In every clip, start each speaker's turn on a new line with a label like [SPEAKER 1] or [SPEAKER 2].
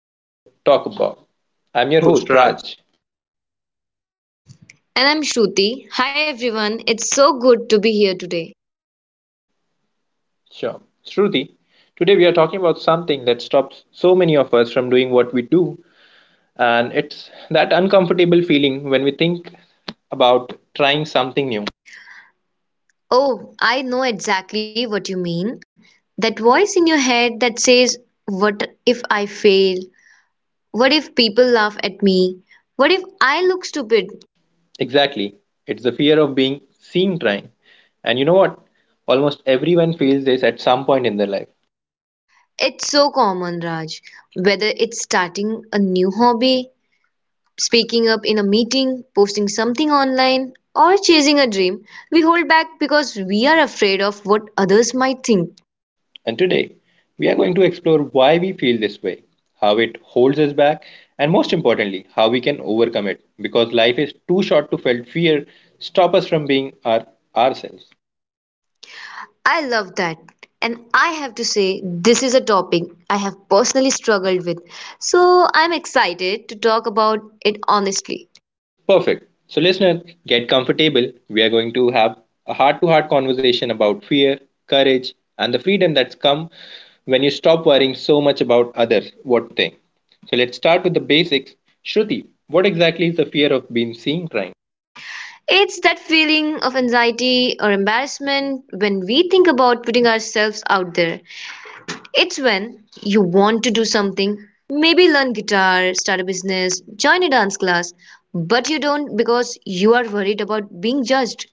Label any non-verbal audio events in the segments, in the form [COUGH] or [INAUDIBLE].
[SPEAKER 1] but don't talk about. I'm your
[SPEAKER 2] Your
[SPEAKER 1] host,
[SPEAKER 2] host, Raj.
[SPEAKER 1] Raj.
[SPEAKER 2] And I'm Shruti. Hi everyone, it's so good to be here today.
[SPEAKER 1] Sure. Shruti. Today, we are talking about something that stops so many of us from doing what we do, and it's that uncomfortable feeling when we think about trying something new.
[SPEAKER 2] Oh, I know exactly what you mean. That voice in your head that says, what if I fail? What if people laugh at me? What if I look stupid?
[SPEAKER 1] Exactly. It's the fear of being seen trying. And you know what? Almost everyone feels this at some point in their life.
[SPEAKER 2] It's so common, Raj. Whether it's starting a new hobby, speaking up in a meeting, posting something online, or chasing a dream, we hold back because we are afraid of what others might think.
[SPEAKER 1] And today, we are going to explore why we feel this way, how it holds us back, and most importantly, how we can overcome it because life is too short to let fear stop us from being ourselves.
[SPEAKER 2] I love that. And I have to say, this is a topic I have personally struggled with. So I'm excited to talk about it honestly.
[SPEAKER 1] Perfect. So, listener, get comfortable. We are going to have a heart to heart conversation about fear, courage, and the freedom that's come when you stop worrying so much about others, what think. So, let's start with the basics. Shruti, what exactly is the fear of being seen crying?
[SPEAKER 2] It's that feeling of anxiety or embarrassment when we think about putting ourselves out there. It's when you want to do something, maybe learn guitar, start a business, join a dance class, but you don't because you are worried about being judged.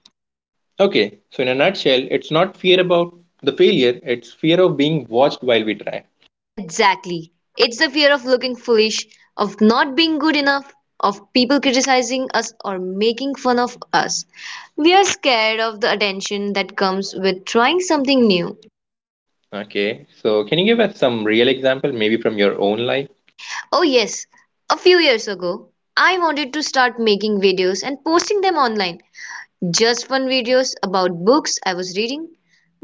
[SPEAKER 1] Okay, so in a nutshell, it's not fear about the failure, it's fear of being watched while we try.
[SPEAKER 2] Exactly. It's the fear of looking foolish, of not being good enough, of people criticizing us or making fun of us. We are scared of the attention that comes with trying something new.
[SPEAKER 1] Okay, so can you give us some real example, maybe from your own life?
[SPEAKER 2] Oh, yes, a few years ago, I wanted to start making videos and posting them online. Just fun videos about books I was reading.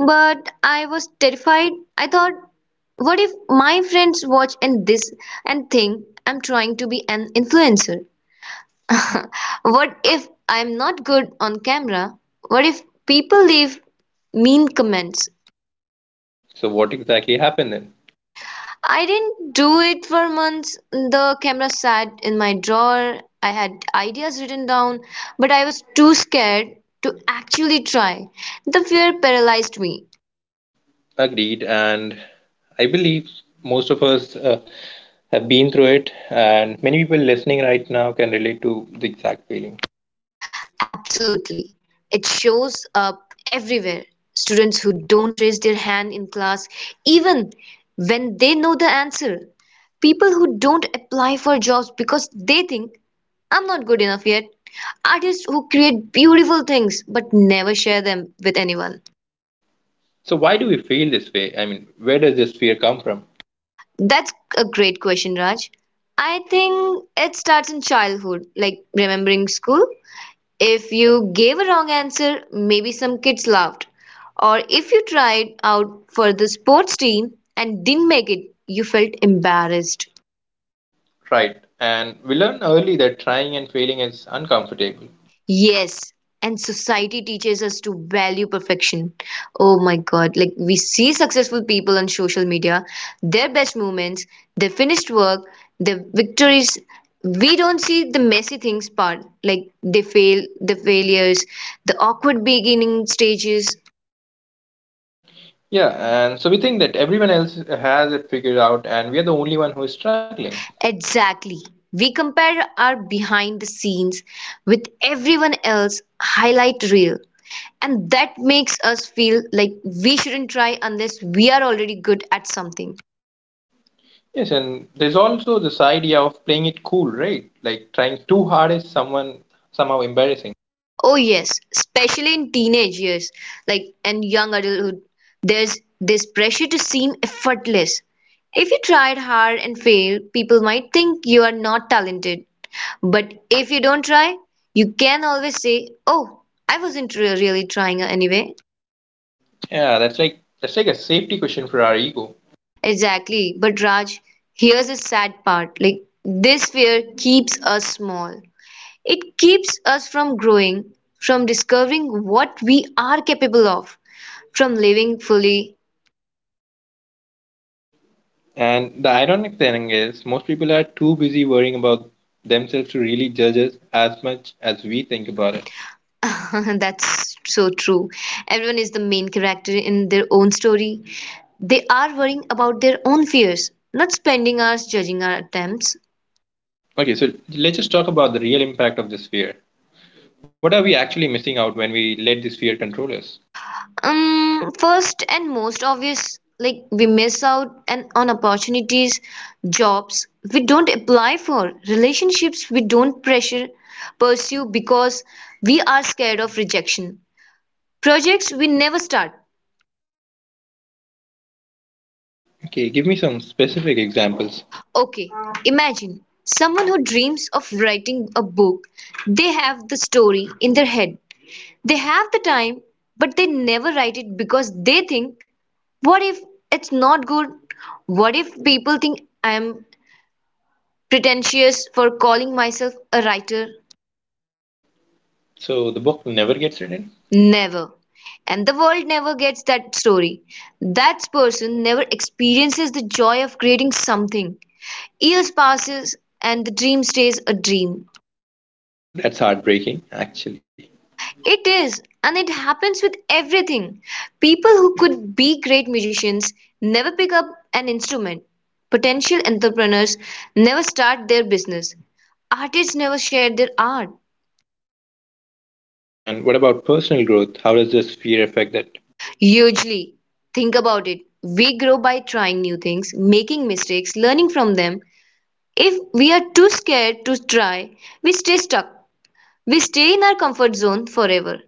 [SPEAKER 2] But I was terrified. I thought, what if my friends watch and think I'm trying to be an influencer? [LAUGHS] What if I'm not good on camera? What if people leave mean comments?
[SPEAKER 1] So, what exactly happened then?
[SPEAKER 2] I didn't do it for months. The camera sat in my drawer. I had ideas written down, but I was too scared to actually try. The fear paralyzed me.
[SPEAKER 1] Agreed, and I believe most of us have been through it, and many people listening right now can relate to the exact feeling.
[SPEAKER 2] Absolutely. It shows up everywhere. Students who don't raise their hand in class, even when they know the answer. People who don't apply for jobs because they think, I'm not good enough yet. Artists who create beautiful things but never share them with anyone.
[SPEAKER 1] So, why do we feel this way? I mean, where does this fear come from?
[SPEAKER 2] That's a great question, Raj. I think it starts in childhood, like remembering school. If you gave a wrong answer, maybe some kids laughed. Or if you tried out for the sports team and didn't make it, you felt embarrassed.
[SPEAKER 1] Right, and we learn early that trying and failing is uncomfortable.
[SPEAKER 2] Yes, and society teaches us to value perfection. Oh my god, like we see successful people on social media, their best moments, their finished work, their victories. We don't see the messy things part, like they fail, the failures, the awkward beginning stages.
[SPEAKER 1] Yeah, and so we think that everyone else has it figured out, and we are the only one who is struggling.
[SPEAKER 2] Exactly. We compare our behind the scenes with everyone else highlight reel. And that makes us feel like we shouldn't try unless we are already good at something.
[SPEAKER 1] Yes, and there's also this idea of playing it cool, right? Like trying too hard is someone somehow embarrassing.
[SPEAKER 2] Oh yes, especially in teenage years, like and young adulthood, there's this pressure to seem effortless. If you tried hard and failed, people might think you are not talented. But if you don't try, you can always say, oh, I wasn't really trying anyway.
[SPEAKER 1] Yeah, that's like a safety question for our ego.
[SPEAKER 2] Exactly. But Raj, here's the sad part. Like this fear keeps us small. It keeps us from growing, from discovering what we are capable of, from living fully.
[SPEAKER 1] And the ironic thing is, most people are too busy worrying about themselves to really judge us as much as we think
[SPEAKER 2] Got
[SPEAKER 1] about it.
[SPEAKER 2] it. [LAUGHS] That's so true. Everyone is the main character in their own story. They are worrying about their own fears, not spending hours judging our attempts.
[SPEAKER 1] Okay, so let's just talk about the real impact of this fear. What are we actually missing out when we let this fear control us?
[SPEAKER 2] First and most obvious, like we miss out and on opportunities, jobs we don't apply for, relationships we don't pressure pursue because we are scared of rejection, projects we never start.
[SPEAKER 1] Okay, give me some specific examples.
[SPEAKER 2] Okay, imagine someone who dreams of writing a book. They have the story in their head. They have the time, but they never write it because they think, what if it's not good? What if people think I'm pretentious for calling myself a writer?
[SPEAKER 1] So the book never gets written?
[SPEAKER 2] Never. And the world never gets that story. That person never experiences the joy of creating something. Years passes and the dream stays a dream.
[SPEAKER 1] That's heartbreaking, actually.
[SPEAKER 2] It is, and it happens with everything. People who could be great musicians never pick up an instrument. Potential entrepreneurs never start their business. Artists never share their art.
[SPEAKER 1] And what about personal growth? How does this fear affect that?
[SPEAKER 2] Hugely. Think about it. We grow by trying new things, making mistakes, learning from them. If we are too scared to try, we stay stuck. We stay in our comfort zone forever.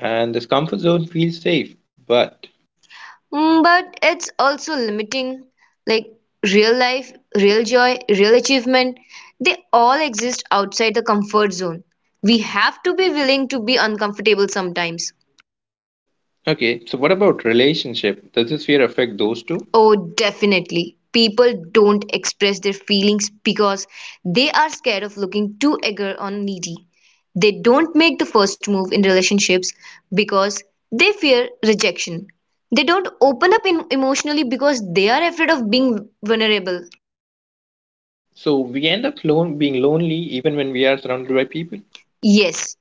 [SPEAKER 1] And this comfort zone feels safe, but
[SPEAKER 2] But it's also limiting. Like real life, real joy, real achievement, they all exist outside the comfort zone. We have to be willing to be uncomfortable sometimes.
[SPEAKER 1] okay, so what about relationship? Does this fear affect those two?
[SPEAKER 2] Oh, definitely. People don't express their feelings because they are scared of looking too eager or needy. They don't make the first move in relationships because they fear rejection. They don't open up emotionally because they are afraid of being vulnerable.
[SPEAKER 1] So we end being lonely even when we are surrounded by people.
[SPEAKER 2] Yes,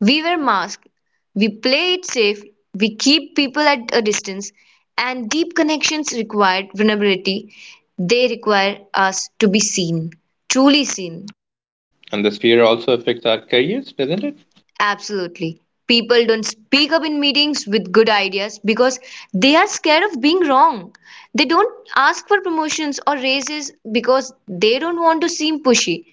[SPEAKER 2] we wear masks, we play it safe, we keep people at a distance, and deep connections require vulnerability. They require us to be seen, truly seen.
[SPEAKER 1] And this fear also affects our careers,
[SPEAKER 2] Isn't it?
[SPEAKER 1] doesn't it?
[SPEAKER 2] Absolutely. People don't speak up in meetings with good ideas because they are scared of being wrong. They don't ask for promotions or raises because they don't want to seem pushy.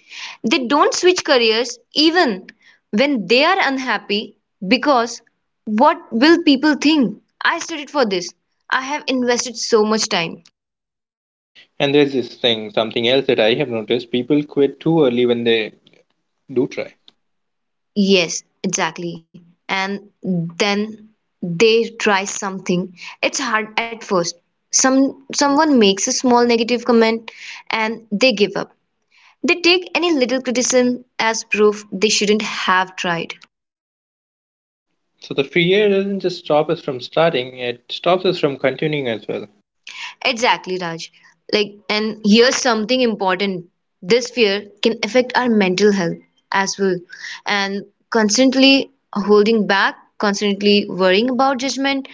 [SPEAKER 2] They don't switch careers even when they are unhappy because, what will people think? I studied for this. I have invested so much time.
[SPEAKER 1] And there's this thing, something else that I have noticed people quit too early when they do try.
[SPEAKER 2] Yes, exactly. And then they try something. It's hard at first. Someone makes a small negative comment and they give up. They take any little criticism as proof they shouldn't have tried.
[SPEAKER 1] So the fear doesn't just stop us from starting, it stops us from continuing as well.
[SPEAKER 2] Exactly, Raj. Like, and here's something important. This fear can affect our mental health as well. And constantly holding back, constantly worrying about judgment,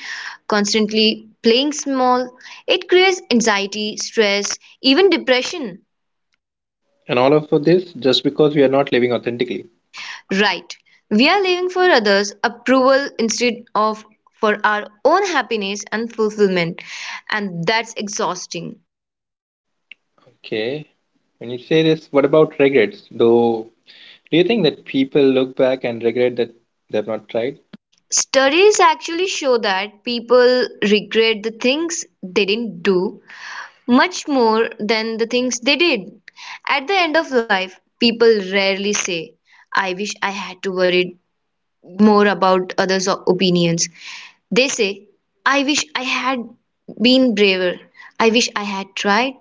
[SPEAKER 2] constantly playing small, it creates anxiety, stress, even depression.
[SPEAKER 1] And all of this just because we are not living authentically.
[SPEAKER 2] Right. We are living for others' approval instead of for our own happiness and fulfillment. And that's exhausting.
[SPEAKER 1] Okay. When you say this, what about regrets? Though, do you think that people look back and regret that they've not tried?
[SPEAKER 2] Studies actually show that people regret the things they didn't do much more than the things they did. At the end of life, people rarely say, I wish I had to worry more about others' opinions. They say, I wish I had been braver. I wish I had tried.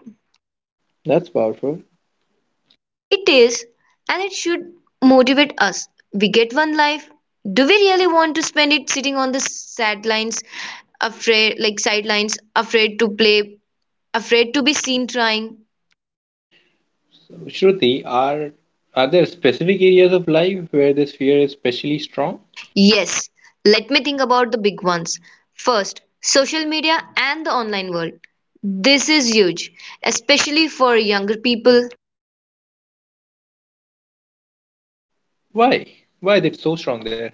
[SPEAKER 1] That's powerful.
[SPEAKER 2] It is, and it should motivate us. We get one life. Do we really want to spend it sitting on the sidelines, afraid, like sidelines, afraid to play, afraid to be seen trying?
[SPEAKER 1] Shruti, are there specific areas of life where this fear is especially strong?
[SPEAKER 2] Yes, let me think about the big ones. First, social media and the online world. This is huge, especially for younger people.
[SPEAKER 1] Why? Why is it so strong there?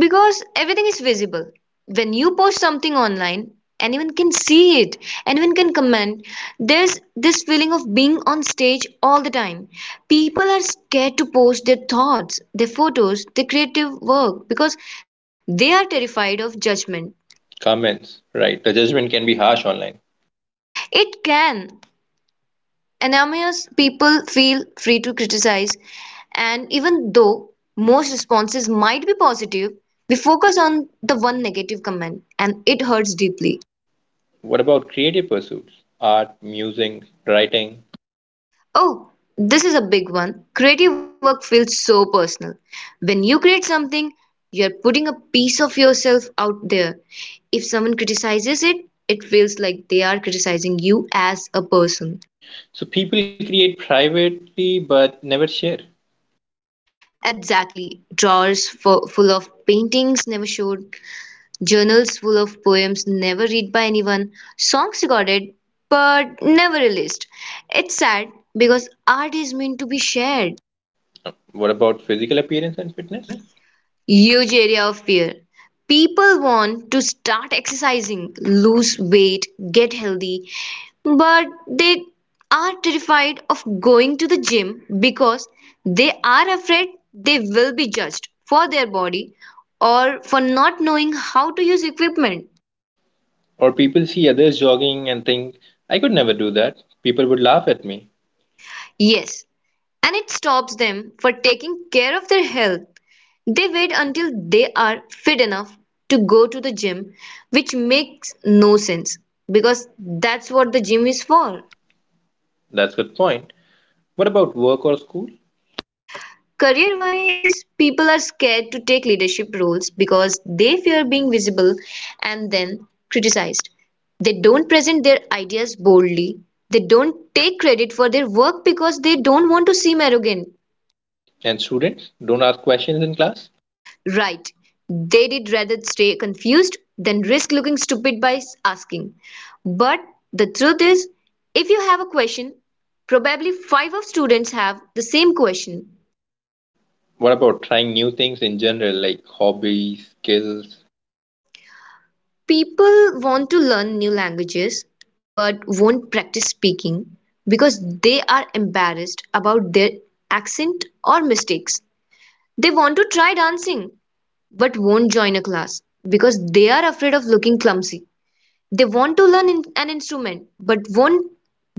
[SPEAKER 2] Because everything is visible. When you post something online, anyone can see it, anyone can comment. There's this feeling of being on stage all the time. People are scared to post their thoughts, their photos, their creative work because they are terrified of judgment.
[SPEAKER 1] Comments. Right. The judgment can be harsh online.
[SPEAKER 2] It can. Anonymous people feel free to criticize, and even though most responses might be positive, we focus on the one negative comment and it hurts deeply.
[SPEAKER 1] What about creative pursuits? Art, music, writing.
[SPEAKER 2] Oh, this is a big one. Creative work feels so personal. When you create something, you're putting a piece of yourself out there. If someone criticizes it, it feels like they are criticizing you as a person.
[SPEAKER 1] So people create privately but never share.
[SPEAKER 2] Exactly. Drawers full of paintings never showed, journals full of poems never read by anyone, songs recorded but never released. It's sad because art is meant to be shared.
[SPEAKER 1] What about physical appearance and fitness?
[SPEAKER 2] Huge area of fear. People want to start exercising, lose weight, get healthy, but they are terrified of going to the gym because they are afraid they will be judged for their body or for not knowing how to use equipment.
[SPEAKER 1] Or people see others jogging and think, I could never do that. People would laugh at me.
[SPEAKER 2] Yes, and it stops them for taking care of their health. They wait until they are fit enough to go to the gym, which makes no sense because that's what the gym is for.
[SPEAKER 1] That's good point. What about work or school?
[SPEAKER 2] Career wise, people are scared to take leadership roles because they fear being visible and then criticized. They don't present their ideas boldly. They don't take credit for their work because they don't want to seem arrogant.
[SPEAKER 1] And students don't ask questions in class?
[SPEAKER 2] Right. They did rather stay confused than risk looking stupid by asking. But the truth is, if you have a question, probably five of students have the same question.
[SPEAKER 1] What about trying new things in general, like hobbies, skills?
[SPEAKER 2] People want to learn new languages but won't practice speaking because they are embarrassed about their accent or mistakes. They want to try dancing but won't join a class because they are afraid of looking clumsy. They want to learn an instrument, but won't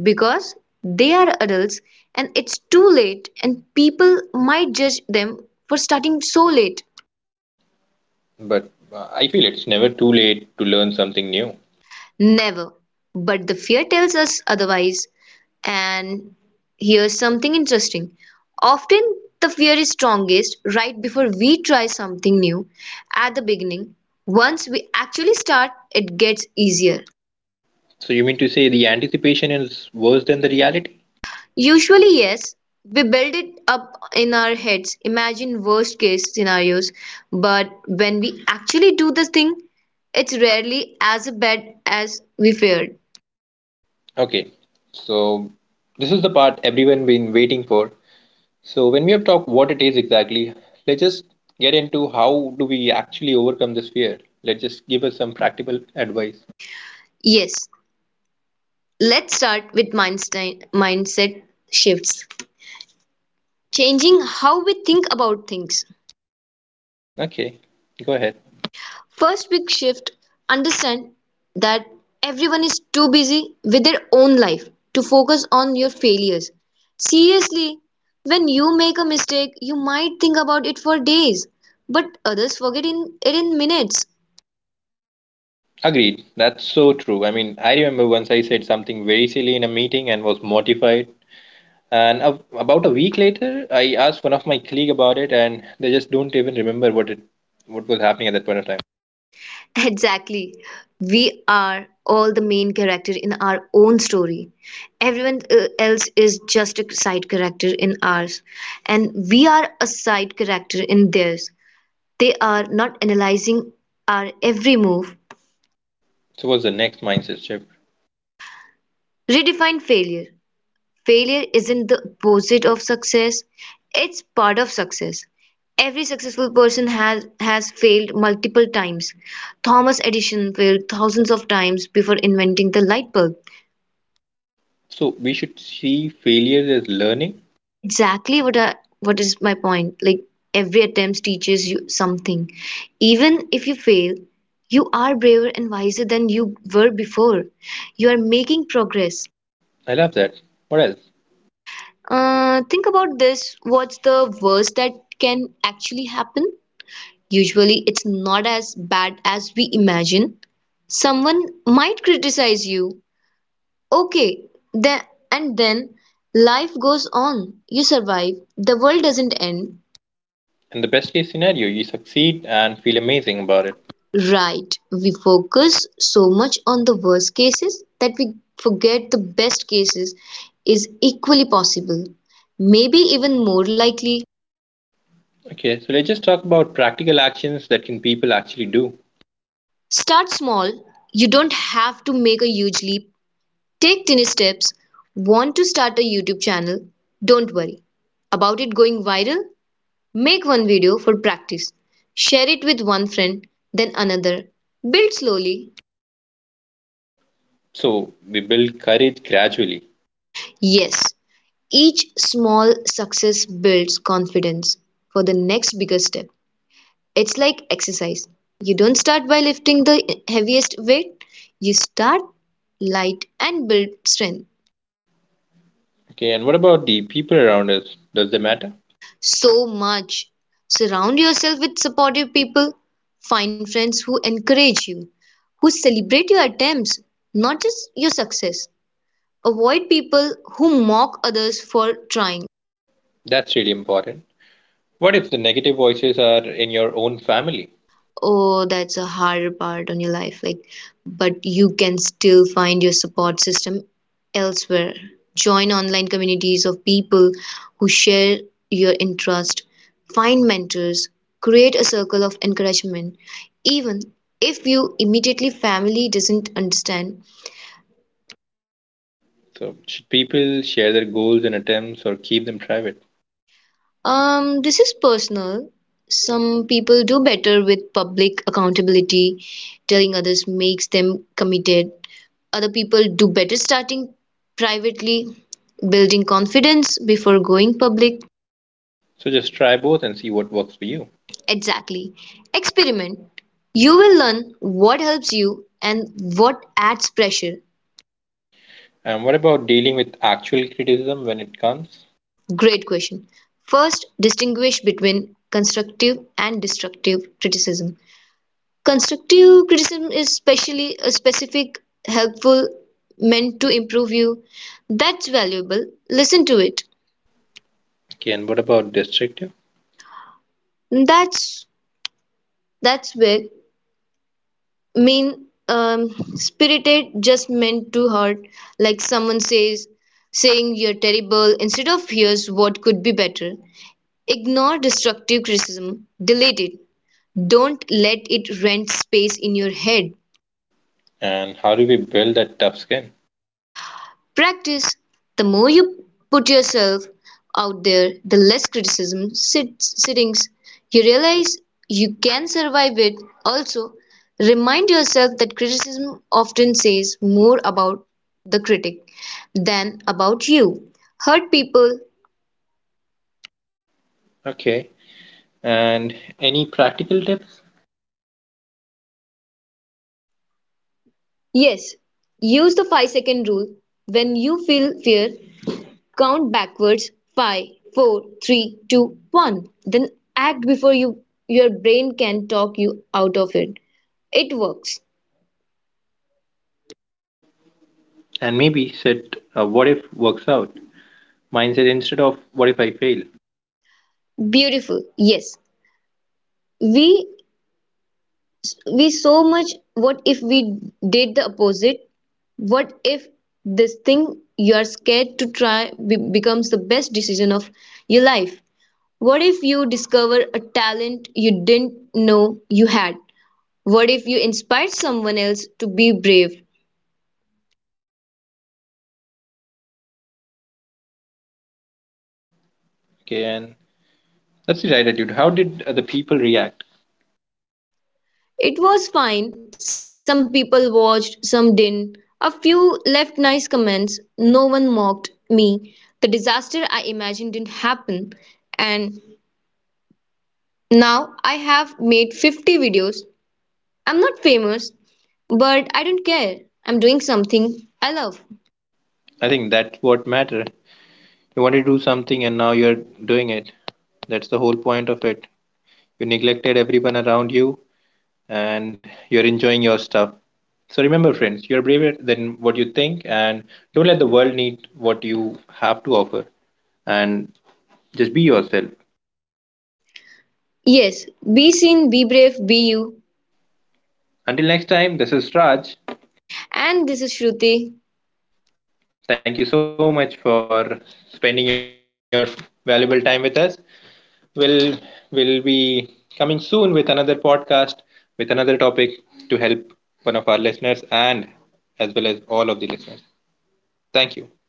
[SPEAKER 2] because they are adults and it's too late and people might judge them for starting so late.
[SPEAKER 1] But I feel it's never too late to learn something new.
[SPEAKER 2] Never. But the fear tells us otherwise. And here's something interesting. Often the fear is strongest right before we try something new, at the beginning. Once we actually start, it gets easier.
[SPEAKER 1] So you mean to say the anticipation is worse than the reality?
[SPEAKER 2] Usually yes. We build it up in our heads, imagine worst case scenarios, but when we actually do the thing, it's rarely as bad as we feared.
[SPEAKER 1] Okay, so this is the part everyone been waiting for. So when we have talked what it is exactly, let's just get into how do we actually overcome this fear. Let's just give us some practical advice.
[SPEAKER 2] Yes, let's start with mindset shifts. Changing how we think about things.
[SPEAKER 1] Okay, go ahead.
[SPEAKER 2] First big shift, understand that everyone is too busy with their own life to focus on your failures. Seriously, when you make a mistake, you might think about it for days, but others forget it in minutes. [LAUGHS]
[SPEAKER 1] Agreed. That's so true. I mean, I remember once I said something very silly in a meeting and was mortified. And a, about a week later, I asked one of my colleague about it, and they just don't even remember what was happening at that point of time.
[SPEAKER 2] Exactly. We are all the main character in our own story. Everyone else is just a side character in ours, and we are a side character in theirs. They are not analyzing our every move.
[SPEAKER 1] So what's the next mindset shift?
[SPEAKER 2] Redefine failure. Failure isn't the opposite of success, it's part of success. Every successful person has failed multiple times. Thomas Edison failed thousands of times before inventing the light bulb.
[SPEAKER 1] So we should see failure as learning.
[SPEAKER 2] Exactly, what is my point? Like every attempt teaches you something. Even if you fail, you are braver and wiser than you were before. You are making progress.
[SPEAKER 1] I love that. What else?
[SPEAKER 2] Think about this. What's the worst that can actually happen? Usually, it's not as bad as we imagine. Someone might criticize you. Okay, then and then life goes on. You survive. The world doesn't end.
[SPEAKER 1] In the best case scenario, you succeed and feel amazing
[SPEAKER 2] Got it.
[SPEAKER 1] about it.
[SPEAKER 2] Right. We focus so much on the worst cases that we forget the best cases is equally possible, maybe even more likely.
[SPEAKER 1] Okay, so let's just talk about practical actions that can people actually do.
[SPEAKER 2] Start small. You don't have to make a huge leap. Take tiny steps. Want to start a YouTube channel? Don't worry about it going viral. Make one video for practice. Share it with one friend, then another. Build slowly.
[SPEAKER 1] So we build courage gradually.
[SPEAKER 2] Yes, each small success builds confidence for the next bigger step. It's like exercise. You don't start by lifting the heaviest weight, you start light and build strength.
[SPEAKER 1] Okay, and what about the people around us? Does they matter?
[SPEAKER 2] So much. Surround yourself with supportive people. Find friends who encourage you, who celebrate your attempts, not just your success. Avoid people who mock others for trying.
[SPEAKER 1] That's really important. What if the negative voices are in your own family?
[SPEAKER 2] Oh, that's a harder part on your life. Like, but you can still find your support system elsewhere. Join online communities of people who share your interest. Find mentors. Create a circle of encouragement. Even if you immediately family doesn't understand.
[SPEAKER 1] So should people share their goals and attempts or keep them private?
[SPEAKER 2] This is personal. Some people do better with public accountability. Telling others makes them committed. Other people do better starting privately, building confidence before going public.
[SPEAKER 1] So just try both and see what works for you.
[SPEAKER 2] Exactly. Experiment. You will learn what helps you and what adds pressure.
[SPEAKER 1] And what about dealing with actual criticism when it comes?
[SPEAKER 2] Great question. First, distinguish between constructive and destructive criticism. Constructive criticism is specially a specific, helpful, meant to improve you. That's valuable. Listen to it.
[SPEAKER 1] Okay, and what about destructive?
[SPEAKER 2] That's that's where mean spirited, just meant to hurt, like someone says saying you're terrible instead of here's what could be better. Ignore destructive criticism, delete it, don't let it rent space in your head.
[SPEAKER 1] And how do we build that tough skin?
[SPEAKER 2] Practice: the more you put yourself out there, the less criticism sits, sittings you realize you can survive it. Also, remind yourself that criticism often says more about the critic than about you. Hurt people,
[SPEAKER 1] Okay. And any practical tips?
[SPEAKER 2] yes. Use the 5-second rule. When you feel fear, count backwards: five, four, three, two, one. Then act before your brain can talk you out of it. It works.
[SPEAKER 1] And maybe set a what if works out mindset instead of what if I fail.
[SPEAKER 2] Beautiful. Yes. We we so much what if we did the opposite? What if this thing you are scared to try becomes the best decision of your life? What if you discover a talent you didn't know you had? What if you inspire someone else to be brave?
[SPEAKER 1] Okay. And that's the right attitude. How did the people react?
[SPEAKER 2] It was fine, some people watched, some didn't. A few left nice comments, no one mocked me. The disaster I imagined didn't happen, and now I have made 50 videos. I'm not famous, but I don't care. I'm doing something I love.
[SPEAKER 1] I think that's what matter. You want to do something and now you're doing it. That's the whole point of it. You neglected everyone around you and you're enjoying your stuff. So remember, friends, you're braver than what you think, and don't let the world need what you have to offer. And just be yourself.
[SPEAKER 2] Yes, be seen, be brave, be you.
[SPEAKER 1] Until next time, this is Raj.
[SPEAKER 2] And this is Shruti.
[SPEAKER 1] Thank you so much for spending your valuable time with us. We'll we will be coming soon with another podcast with another topic to help one of our listeners and as well as all of the listeners. Thank you.